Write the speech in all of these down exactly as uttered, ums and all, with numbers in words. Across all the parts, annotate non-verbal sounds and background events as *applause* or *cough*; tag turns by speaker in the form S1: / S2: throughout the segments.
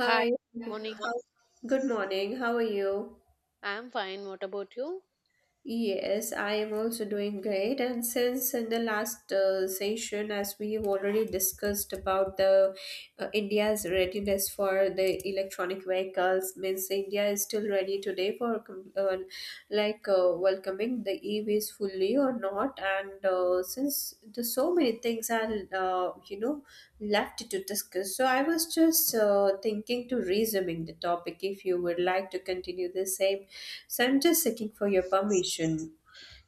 S1: Hi, morning.
S2: how- good morning. How are you?
S1: I'm fine. What about you?
S2: Yes, I am also doing great. And since in the last uh, session, as we have already discussed about the uh, India's readiness for the electronic vehicles, means India is still ready today for com- uh, like uh, welcome becoming the e-waste fully or not, and uh, since there's so many things are uh, you know left to discuss, so I was just uh, thinking to resuming the topic if you would like to continue the same, so I'm just seeking for your permission.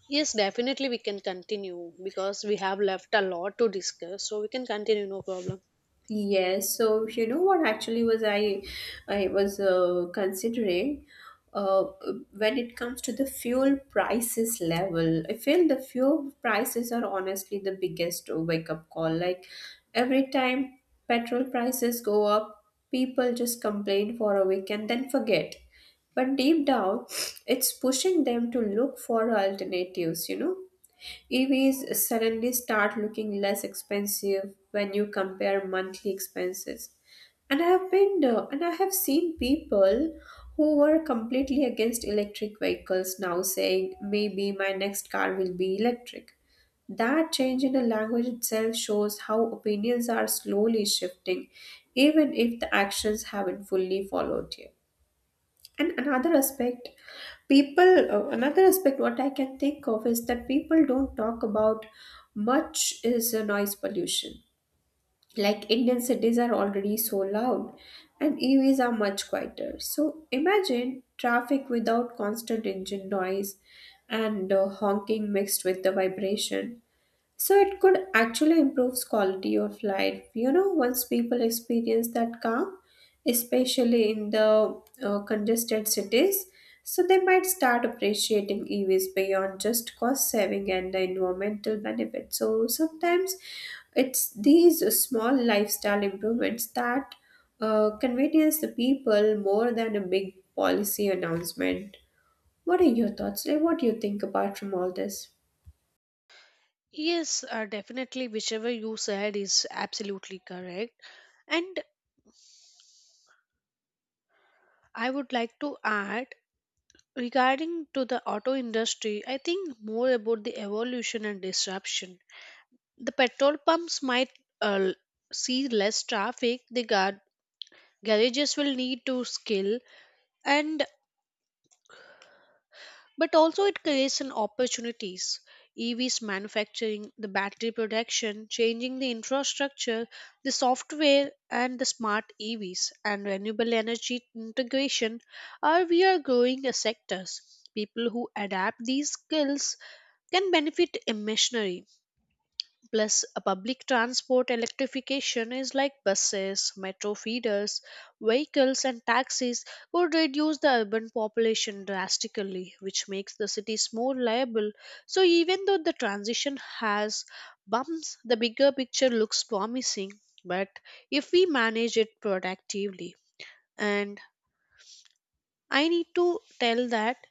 S1: Yes, definitely we can continue because we have left a lot to discuss. So we can continue, no problem.
S2: Yes, so you know what actually was I I was uh, considering uh, when it comes to the fuel prices level. I feel the fuel prices are honestly the biggest wake up call. Like every time petrol prices go up, people just complain for a week and then forget. But deep down, *sniffs* it's pushing them to look for alternatives, you know, E Vs suddenly start looking less expensive when you compare monthly expenses. And I have been uh, and I have seen people who were completely against electric vehicles now saying maybe my next car will be electric. That change in the language itself shows how opinions are slowly shifting, even if the actions haven't fully followed yet. And another aspect, people, uh, Another aspect what I can think of is that people don't talk about much is uh, noise pollution. Like, Indian cities are already so loud and E Vs are much quieter. So imagine traffic without constant engine noise and uh, honking mixed with the vibration, so it could actually improve quality of life, you know, once people experience that calm, especially in the uh, congested cities. So they might start appreciating E Vs beyond just cost saving and the environmental benefit. So sometimes it's these small lifestyle improvements that uh, convenience the people more than a big policy announcement. What are your thoughts? Like, what do you think apart from all this?
S1: Yes, uh, definitely. Whichever you said is absolutely correct. And I would like to add regarding to the auto industry, I think more about the evolution and disruption. The petrol pumps might uh, see less traffic. The gar- garages will need to skill and but also it creates an opportunities evs manufacturing the battery production changing the infrastructure the software and the smart evs and renewable energy integration are we are growing the sectors people who adapt these skills can benefit immensely. Plus, a public transport electrification is like buses, metro feeders, vehicles, and taxis would reduce the urban population drastically, which makes the cities more liable. So, even though the transition has bumps, the bigger picture looks promising. But if we manage it productively, and I need to tell that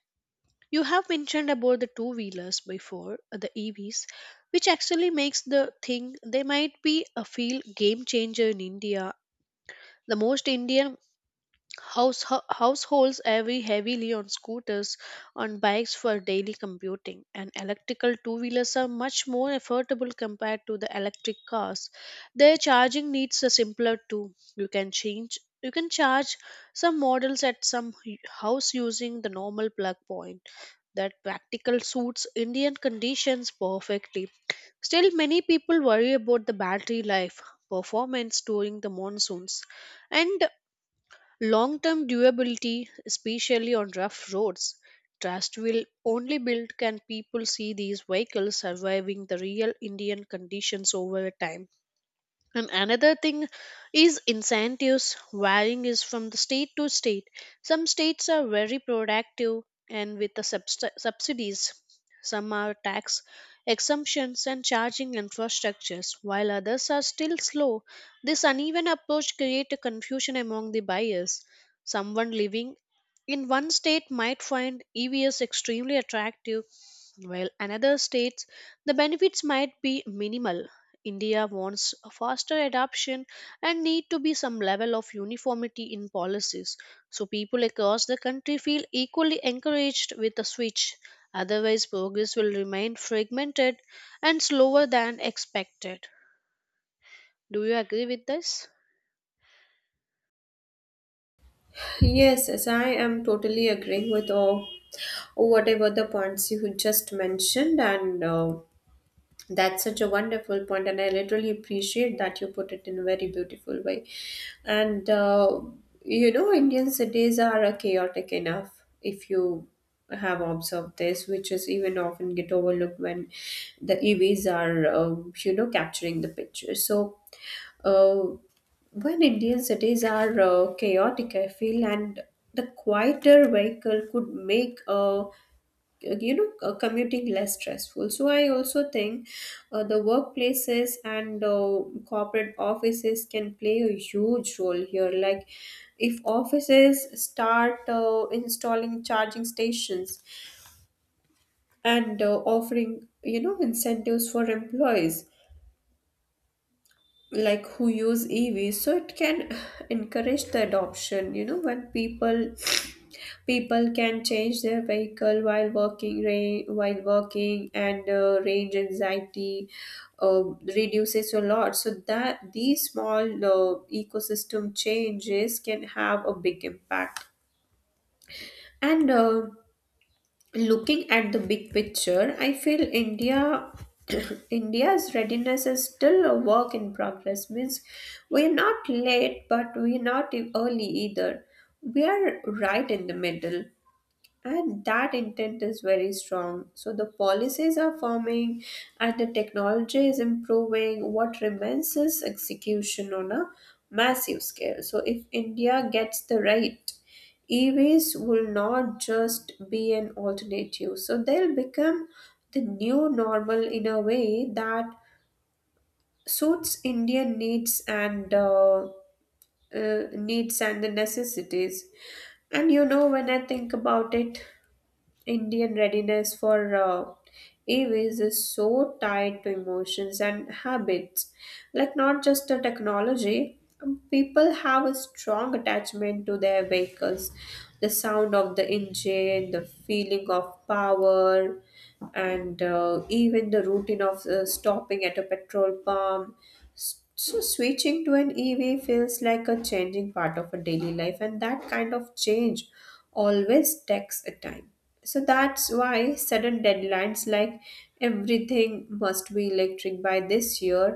S1: you have mentioned about the two wheelers before, uh, the E Vs, which actually makes the thing they might be a field game changer in India. The most Indian house, ho- households every heavily on scooters, on bikes for daily commuting, and electrical two wheelers are much more affordable compared to the electric cars. Their charging needs are simpler too. You can change you can charge some models at some hu- house using the normal plug point that practical suits Indian conditions perfectly. Still, many people worry about the battery life, performance during the monsoons, and long term durability, especially on rough roads. Trust will only build can people see these vehicles surviving the real Indian conditions over time. And another thing is incentives varying is from the state to state. Some states are very productive and with the subs- subsidies. Some are tax exemptions and charging infrastructures, while others are still slow. This uneven approach creates confusion among the buyers. Someone living in one state might find E Vs extremely attractive while another states the benefits might be minimal. India wants a faster adoption and need to be some level of uniformity in policies so people across the country feel equally encouraged with the switch. Otherwise, progress will remain fragmented and slower than expected. Do you agree with this?
S2: Yes, yes, I am totally agreeing with all whatever the points you just mentioned, and uh, that's such a wonderful point, and I literally appreciate that you put it in a very beautiful way. And uh, You know, Indian cities are uh, chaotic enough, if you have observed this, which is even often get overlooked when the E Vs are, um, you know, capturing the picture. So uh, when Indian cities are uh, chaotic, I feel, and the quieter vehicle could make uh, you know uh, commuting less stressful. So I also think uh, the workplaces and uh, corporate offices can play a huge role here. Like, if offices start uh, installing charging stations and uh, offering, you know, incentives for employees like who use E Vs, so it can *sighs* encourage the adoption, you know, when people *sniffs* people can change their vehicle while working ra- while working, and uh, range anxiety uh, reduces a lot, so that these small uh, ecosystem changes can have a big impact, and uh, looking at the big picture, I feel India *coughs* *clears throat* India's readiness is still a work in progress. Means we're not late, but we're not e- early either. We are right in the middle. And that intent is very strong. So the policies are forming and the technology is improving. What remains is execution on a massive scale. So if India gets the right, E Vs will not just be an alternative. So they'll become the new normal in a way that suits Indian needs and uh, uh, needs and the necessities. And you know, when I think about it, Indian readiness for uh, E Vs is so tied to emotions and habits. Like, not just the technology, um, people have a strong attachment to their vehicles. The sound of the engine, the feeling of power, and uh, even the routine of uh, stopping at a petrol pump. S- So, switching to an E V feels like a changing part of a daily life, and that kind of change always takes a time, so that's why sudden deadlines like everything must be electric by this year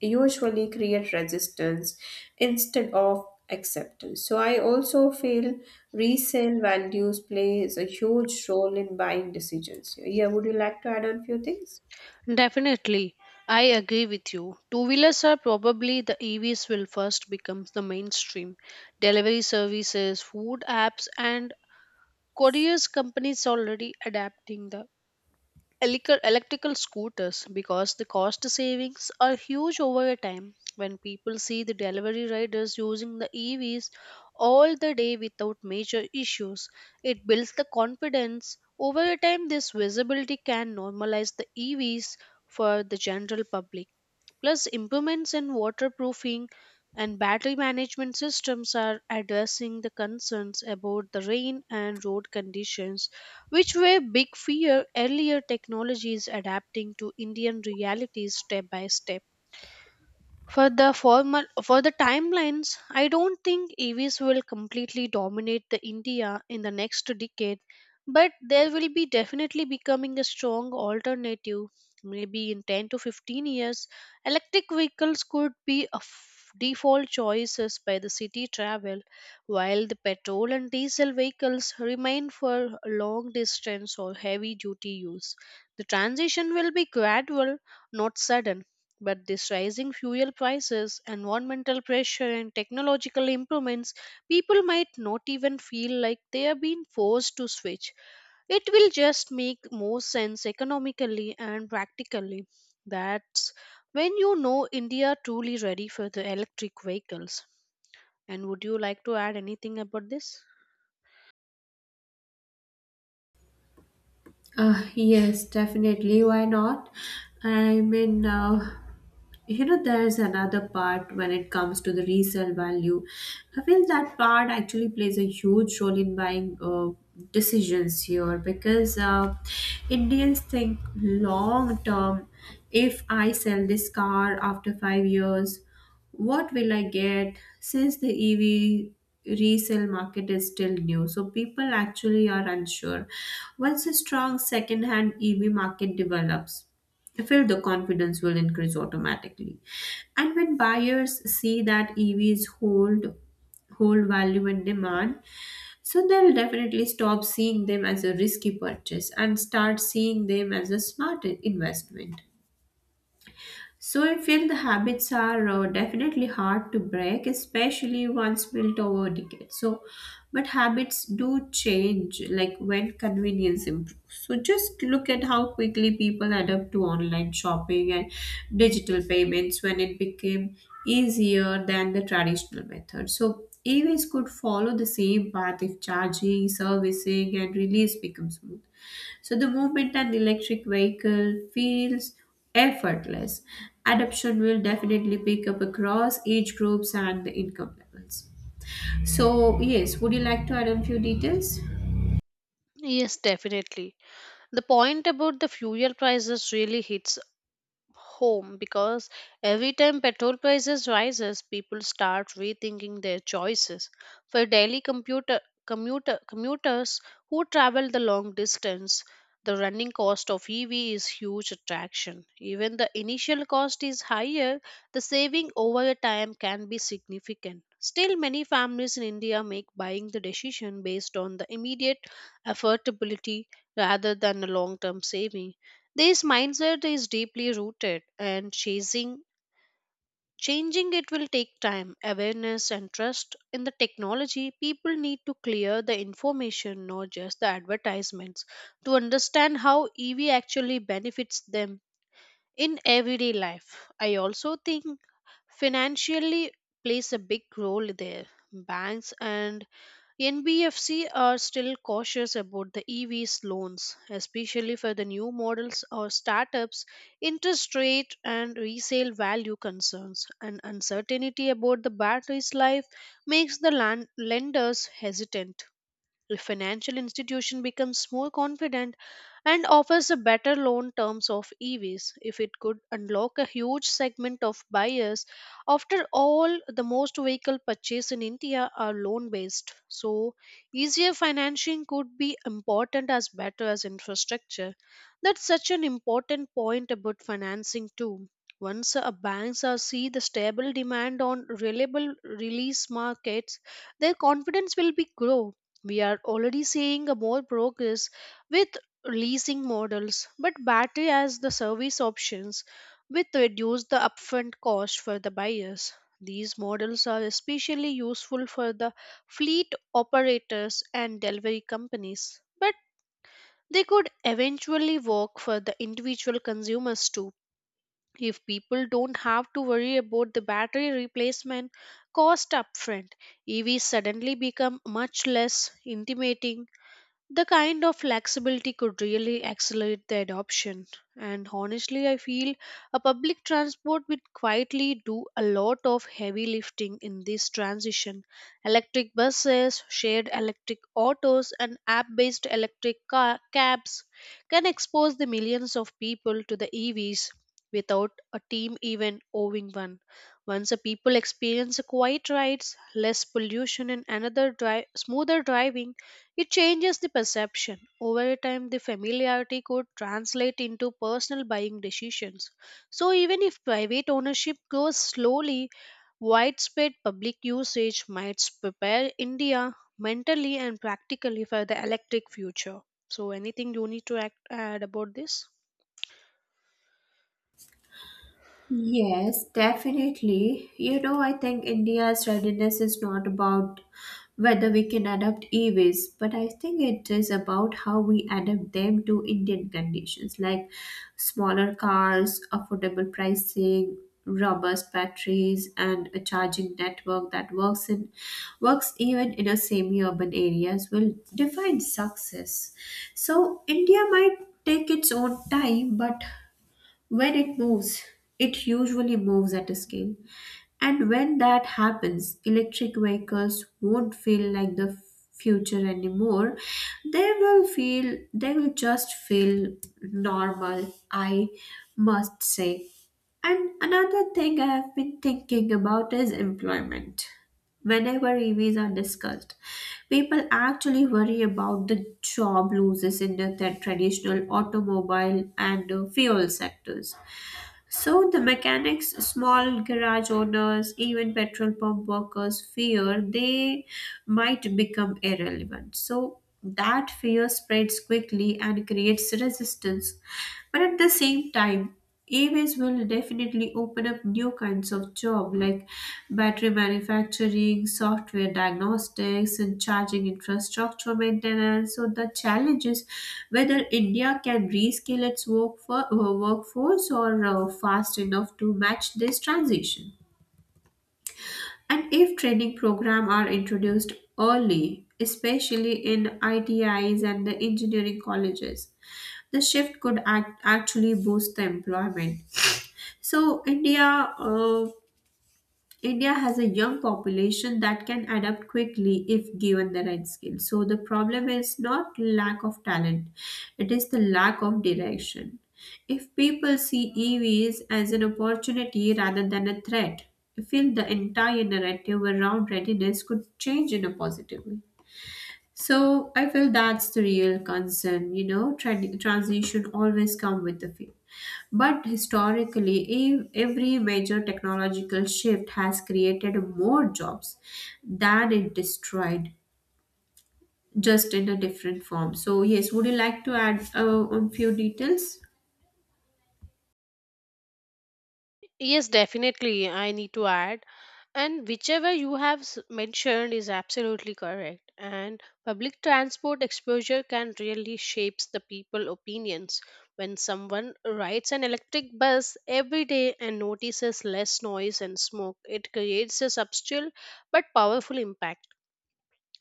S2: usually create resistance instead of acceptance. So I also feel resale values plays a huge role in buying decisions. Yeah, would you like to add on few things?
S1: Definitely. I agree with you. Two wheelers are probably the E Vs will first become the mainstream. Delivery services, food apps, and couriers companies already adapting the electric- electrical scooters because the cost savings are huge over a time. When people see the delivery riders using the E Vs all the day without major issues, it builds the confidence. Over a time, this visibility can normalize the E Vs for the general public. Plus, improvements in waterproofing and battery management systems are addressing the concerns about the rain and road conditions which were big fear earlier technologies adapting to Indian realities step by step. For the formal for the timelines, I don't think E Vs will completely dominate the India in the next decade, but there will be definitely becoming a strong alternative. Maybe in ten to fifteen years, electric vehicles could be a f- default choices by the city travel, while the petrol and diesel vehicles remain for long distance or heavy duty use. The transition will be gradual, not sudden. But this rising fuel prices, environmental pressure, and technological improvements, people might not even feel like they are being forced to switch. It will just make more sense economically and practically. That's when you know India truly ready for the electric vehicles. And would you like to add anything about this?
S2: Uh, yes, definitely. Why not? I mean, uh, you know, there's another part when it comes to the resale value. I feel that part actually plays a huge role in buying uh, decisions here, because uh, Indians think long term. If I sell this car after five years, what will I get since the E V resale market is still new? So people actually are unsure. Once a strong second-hand E V market develops, I feel the confidence will increase automatically. And when buyers see that E Vs hold hold value and demand, so they'll definitely stop seeing them as a risky purchase and start seeing them as a smart investment. So I feel the habits are uh, definitely hard to break, especially once built over decades. So, but habits do change, like when convenience improves. So just look at how quickly people adapt to online shopping and digital payments when it became easier than the traditional method. So E Vs could follow the same path if charging, servicing, and release become smooth. So the movement an electric vehicle feels effortless. Adoption will definitely pick up across age groups and the income levels. So, yes, would you like to add on few details?
S1: Yes, definitely. The point about the fuel prices really hits home because every time petrol prices rises people start rethinking their choices for daily computer commuter commuters who travel the long distance, the running cost of EV is huge attraction. Even the initial cost is higher, the saving over a time can be significant. Still many families in India make buying the decision based on the immediate affordability rather than a long term saving. This mindset is deeply rooted and chasing changing it will take time, awareness and trust in the technology. People need to clear the information, not just the advertisements, to understand how E V actually benefits them in everyday life. I also think financially plays a big role there. Banks and N B F C are still cautious about the E Vs loans, especially for the new models or startups. Interest rate and resale value concerns and uncertainty about the battery's life makes the land- lenders hesitant. A financial institution becomes more confident and offers a better loan terms of E Vs if it could unlock a huge segment of buyers. After all, the most vehicle purchase in India are loan based, so easier financing could be important as better as infrastructure. That's such an important point about financing too. Once a banks are see the stable demand on reliable release markets, their confidence will be grow. We are already seeing a more progress with leasing models, but battery as the service options with reduce the upfront cost for the buyers. These models are especially useful for the fleet operators and delivery companies, but they could eventually work for the individual consumers too. If people don't have to worry about the battery replacement cost upfront, E Vs suddenly become much less intimidating. The kind of flexibility could really accelerate the adoption. And honestly, I feel a public transport would quietly do a lot of heavy lifting in this transition. Electric buses, shared electric autos, and app based electric ca- cabs can expose the millions of people to the E Vs without a team even owning one. Once a people experience a quiet rides, less pollution, and another dri- smoother driving, it changes the perception. Over time, the familiarity could translate into personal buying decisions. So, even if private ownership grows slowly, widespread public usage might prepare India mentally and practically for the electric future. So, anything you need to act, add about this?
S2: Yes, definitely. You know, I think India's readiness is not about whether we can adapt E Vs, but I think it is about how we adapt them to Indian conditions, like smaller cars, affordable pricing, robust batteries, and a charging network that works in works even in a semi-urban areas will define success. So India might take its own time, but when it moves, it usually moves at a scale. And when that happens, electric vehicles won't feel like the future anymore. They will feel, they will just feel normal, I must say. And another thing I have been thinking about is employment. Whenever E Vs are discussed, people actually worry about the job losses in the, their traditional automobile and uh, fuel sectors. So the mechanics, small garage owners, even petrol pump workers fear they might become irrelevant. So that fear spreads quickly and creates resistance. But at the same time, E Vs will definitely open up new kinds of job like battery manufacturing, software diagnostics, and charging infrastructure maintenance. So the challenge is whether India can rescale its work for, uh, workforce or uh, fast enough to match this transition. And if training programs are introduced early, especially in I T Is and the engineering colleges, the shift could act, actually boost the employment. So India uh, India has a young population that can adapt quickly if given the right skills. So the problem is not lack of talent, it is the lack of direction. If people see E Vs as an opportunity rather than a threat, I feel the entire narrative around readiness could change in a positive way. So I feel that's the real concern. You know, Tran transition always come with the fear. But historically, ev- every major technological shift has created more jobs than it destroyed, just in a different form. So yes, would you like to add uh, on few details?
S1: Yes, definitely. I need to add. And whichever you have s- mentioned is absolutely correct, and public transport exposure can really shapes the people opinions. When someone rides an electric bus every day and notices less noise and smoke, it creates a subtle but powerful impact.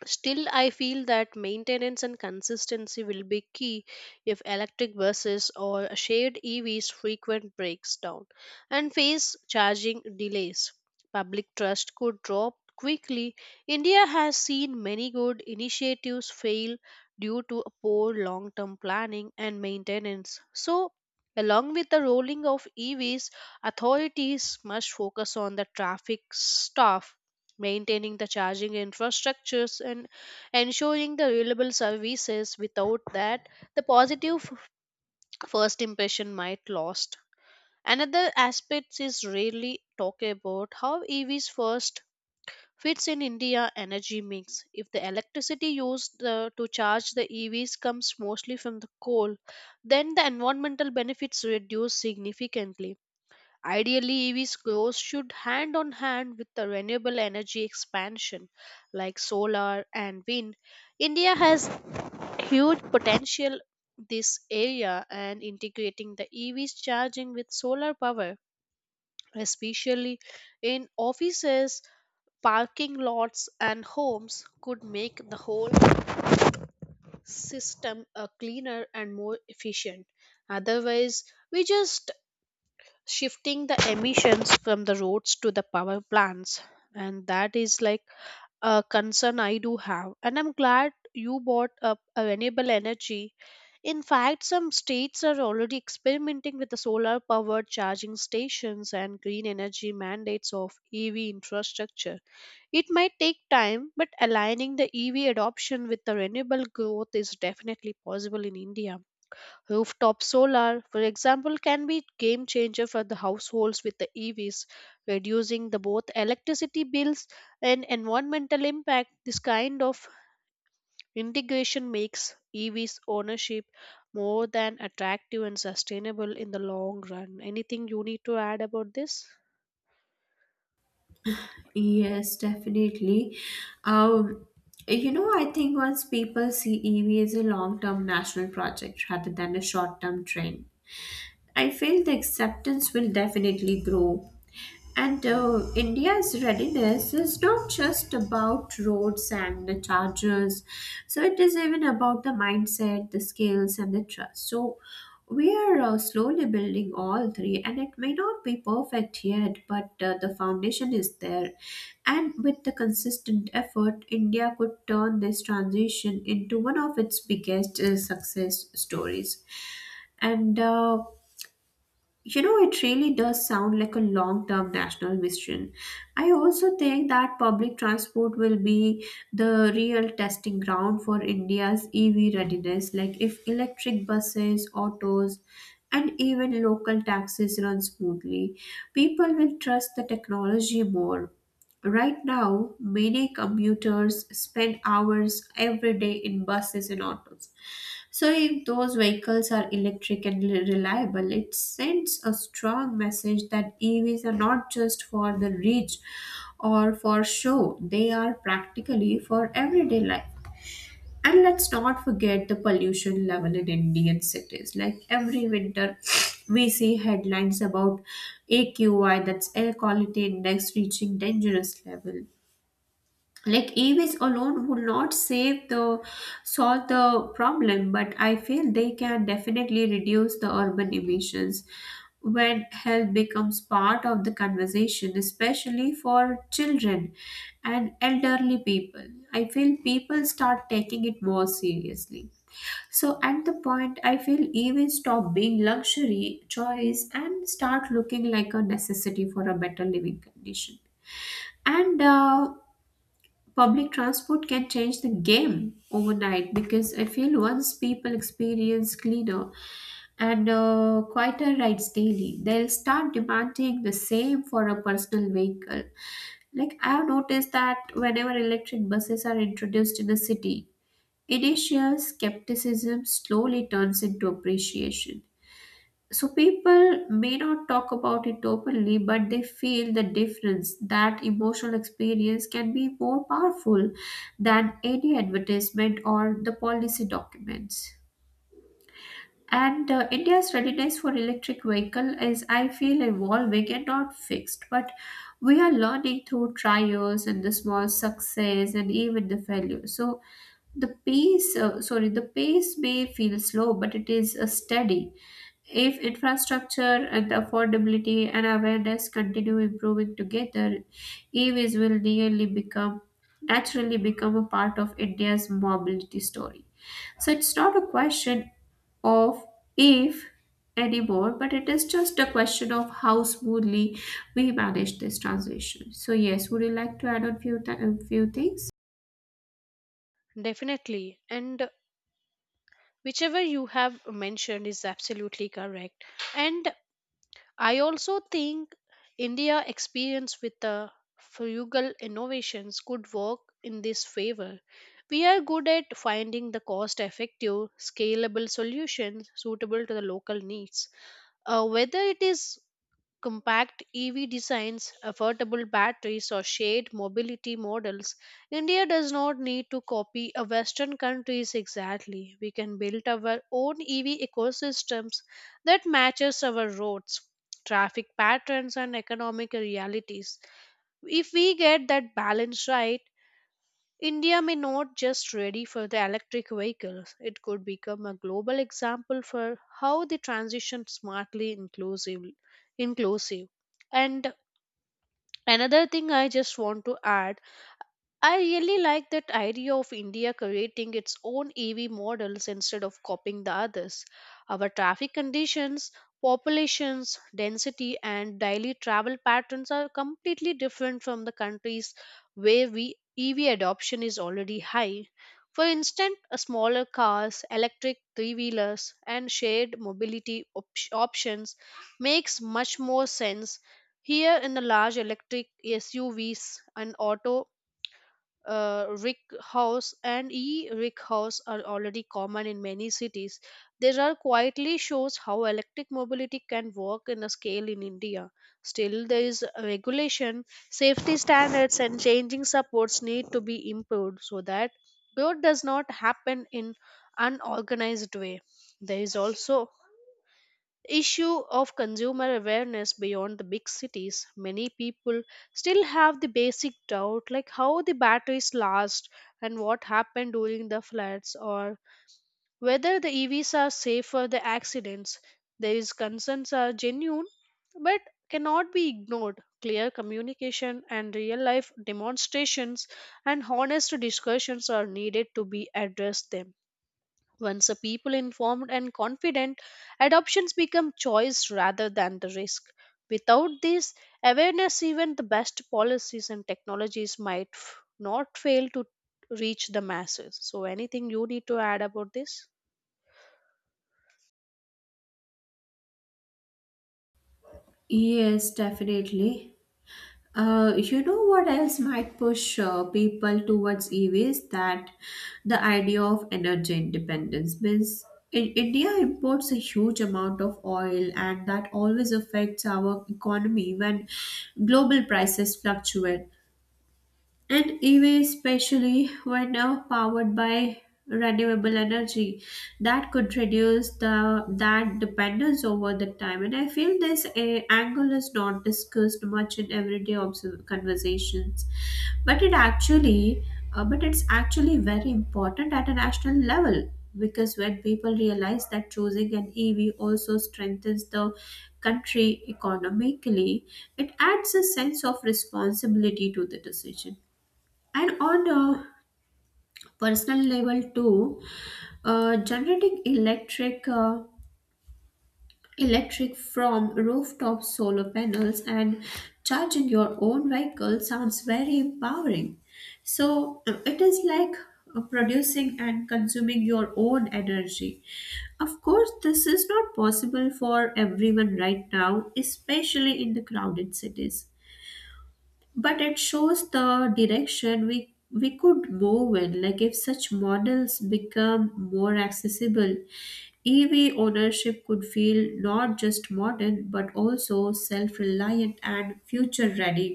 S1: Still, I feel that maintenance and consistency will be key. If electric buses or shared E Vs frequent breaks down and face charging delays, public trust could drop quickly. India has seen many good initiatives fail due to a poor long term planning and maintenance. So, along with the rolling of E Vs, authorities must focus on the traffic staff, maintaining the charging infrastructures and ensuring the reliable services. Without that, the positive f- first impression might lost. Another aspect is rarely talk about how EVs first fits in India energy mix. If the electricity used uh, to charge the EVs comes mostly from the coal, then the environmental benefits reduce significantly. Ideally, E Vs growth should hand on hand with the renewable energy expansion like solar and wind. India has huge potential this area, and integrating the E Vs charging with solar power, especially in offices, parking lots and homes, could make the whole system a cleaner and more efficient. Otherwise, we just shifting the emissions from the roads to the power plants, and that is like a concern I do have. And I'm glad you brought up a renewable energy. In fact, some states are already experimenting with the solar powered charging stations and green energy mandates of EV infrastructure. It might take time, but aligning the EV adoption with the renewable growth is definitely possible in India. Rooftop solar, for example, can be game changer for the households with the E Vs, reducing the both electricity bills and environmental impact. This kind of integration makes E Vs ownership more than attractive and sustainable in the long run. Anything you need to add about this?
S2: Yes, definitely. Um, you know, I think once people see E V as a long-term national project rather than a short-term trend, I feel the acceptance will definitely grow. And uh, India's readiness is not just about roads and the chargers, so it is even about the mindset, the skills, and the trust. So we are uh, slowly building all three, and it may not be perfect yet, but uh, the foundation is there. And with the consistent effort, India could turn this transition into one of its biggest uh, success stories. And uh, you know, it really does sound like a long term national mission. I also think that public transport will be the real testing ground for India's E V readiness. Like, if electric buses, autos, and even local taxis run smoothly, people will trust the technology more. Right now, many commuters spend hours every day in buses and autos, so, if those vehicles are electric and re- reliable, it sends a strong message that E Vs are not just for the rich or for show, they are practically for everyday life. And let's not forget the pollution level in Indian cities. Like every winter, *sniffs* we see headlines about A Q I, that's air quality index, reaching dangerous level. Like E Vs alone would not save the solve the problem, but I feel they can definitely reduce the urban emissions. When health becomes part of the conversation, especially for children and elderly people, I feel people start taking it more seriously. So at the point, I feel E Vs stop being luxury choice and start looking like a necessity for a better living condition. And uh, Public transport can change the game overnight, because I feel once people experience cleaner and uh, quieter rides daily, they'll start demanding the same for a personal vehicle. Like, I have noticed that whenever electric buses are introduced in a city, initial skepticism slowly turns into appreciation. So people may not talk about it openly, but they feel the difference. That emotional experience can be more powerful than any advertisement or the policy documents. And uh, India's readiness for electric vehicle is, I feel, evolving and not fixed. But we are learning through trials and the small success and even the failure. So the pace, uh, sorry, the pace may feel slow, but it is uh, steady. If infrastructure and affordability and awareness continue improving together, E Vs will nearly become naturally become a part of India's mobility story. So it's not a question of if anymore, but it is just a question of how smoothly we manage this transition. So yes, would you like to add on few th- a few things?
S1: Definitely. And whichever you have mentioned is absolutely correct. And I also think India experience with the frugal innovations could work in this favor. We are good at finding the cost effective, scalable solutions suitable to the local needs. Uh, whether it is compact E V designs, affordable batteries, or shared mobility models, India does not need to copy a Western countries exactly. We can build our own E V ecosystems that matches our roads, traffic patterns, and economic realities. If we get that balance right, India may not just ready for the electric vehicles, it could become a global example for how they transition smartly inclusive inclusive. And another thing I just want to add, I really like that idea of India creating its own E V models instead of copying the others. Our traffic conditions, populations, density, and daily travel patterns are completely different from the countries where we E V adoption is already high. For instance, a smaller cars, electric three-wheelers, and shared mobility op- options makes much more sense here in the large electric S U Vs and auto uh, rick house and e rick house are already common in many cities. There are quietly shows how electric mobility can work in a scale in India. Still there is regulation, safety standards and changing supports need to be improved so that growth does not happen in unorganized way. There is also the issue of consumer awareness beyond the big cities. Many people still have the basic doubt like how the batteries last and what happened during the floods or whether the E Vs are safe for the accidents. These concerns are genuine but cannot be ignored. Clear communication and real life demonstrations and honest discussions are needed to be addressed them. Once a people informed and confident, adoptions become choice rather than the risk. Without this awareness, even the best policies and technologies might f- not fail to reach the masses. So, anything you need to add about this?
S2: Yes, definitely. Uh, you know what else might push uh, people towards E Vs? That the idea of energy independence means in India imports a huge amount of oil, and that always affects our economy when global prices fluctuate. And E V, especially when now powered by renewable energy, that could reduce the that dependence over the time. And I feel this eh, angle is not discussed much in everyday observ- conversations, but it actually uh, but it's actually very important at a national level, because when people realize that choosing an E V also strengthens the country economically, it adds a sense of responsibility to the decision. And on a personal level too, uh, generating electric uh, electric from rooftop solar panels and charging your own vehicle sounds very empowering. So uh, it is like uh, producing and consuming your own energy. Of course, this is not possible for everyone right now, especially in the crowded cities, but it shows the direction we we could move in. Like, if such models become more accessible, EV ownership could feel not just modern but also self-reliant and future ready.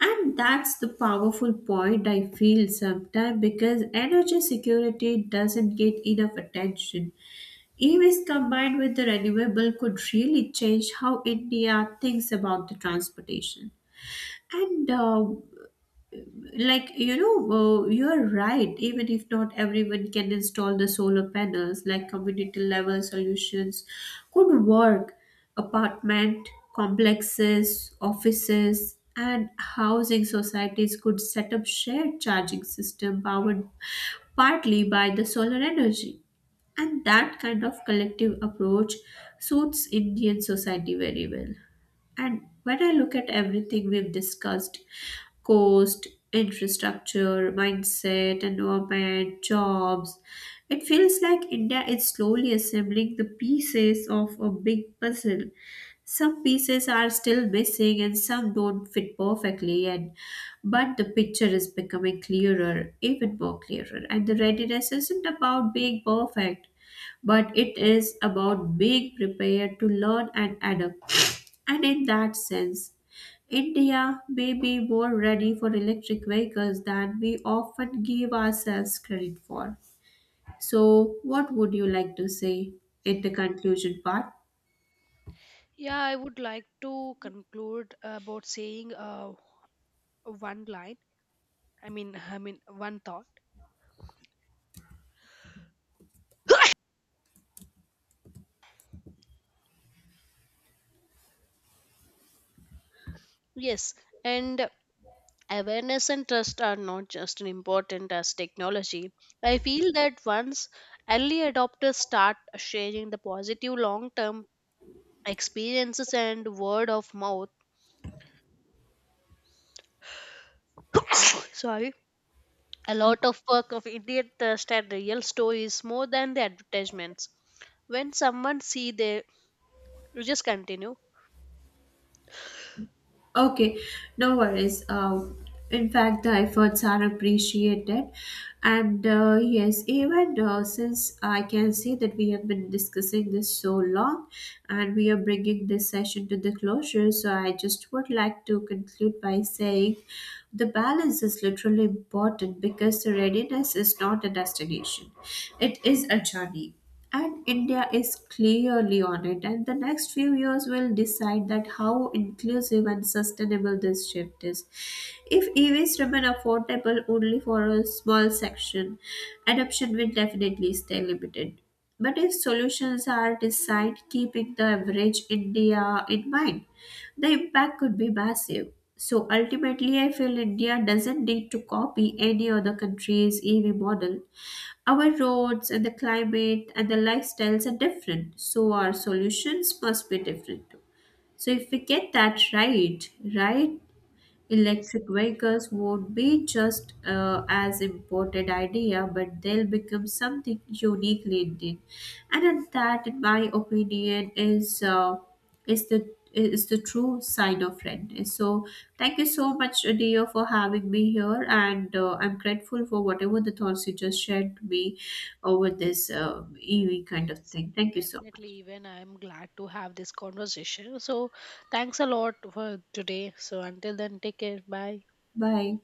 S2: And that's the powerful point, I feel sometimes, because energy security doesn't get enough attention. EVs combined with the renewable could really change how India thinks about the transportation. And uh, like you know uh, You're right, even if not everyone can install the solar panels, like community level solutions could work. Apartment complexes, offices and housing societies could set up shared charging system powered partly by the solar energy. And that kind of collective approach suits Indian society very well. And when I look at everything we've discussed, cost, infrastructure, mindset, environment, jobs, it feels like India is slowly assembling the pieces of a big puzzle. Some pieces are still missing and some don't fit perfectly, and but the picture is becoming clearer, even more clearer. And the readiness isn't about being perfect, but it is about being prepared to learn and adapt. And in that sense, India may be more ready for electric vehicles than we often give ourselves credit for. So, what would you like to say in the conclusion part?
S1: Yeah, I would like to conclude about saying uh, one line. I mean, I mean one thought. Yes, and awareness and trust are not just as important as technology. I feel that once early adopters start sharing the positive long term experiences and word of mouth, *coughs* sorry, a lot of work of Indian trust and real stories more than the advertisements. When someone see their, you just continue.
S2: Okay, no worries. Uh, in fact, the efforts are appreciated, and uh, yes, even uh, since I can see that we have been discussing this so long, and we are bringing this session to the closure. So I just would like to conclude by saying, the balance is literally important because the readiness is not a destination; it is a journey, and India is clearly on it, and the next few years will decide that how inclusive and sustainable this shift is. If E Vs remain affordable only for a small section, adoption will definitely stay limited. But if solutions are designed keeping the average India in mind, the impact could be massive. So ultimately, I feel India doesn't need to copy any other country's E V model. Our roads and the climate and the lifestyles are different, so our solutions must be different too. So if we get that right, right,
S1: Yes,
S2: electric
S1: definitely.
S2: vehicles won't be just uh, as imported idea, but they'll become something uniquely Indian. And at that, in my opinion, is uh, is the is the true sign of friendness. So thank you so much, Adia, for having me here, and uh, I'm grateful for whatever the thoughts you just shared to me over this uh, E V kind of
S1: Yes,
S2: thing. Thank you so
S1: definitely.
S2: much.
S1: Even I'm glad to have this conversation. So, thanks a lot for today. So, until then, take care. Bye.
S2: Bye.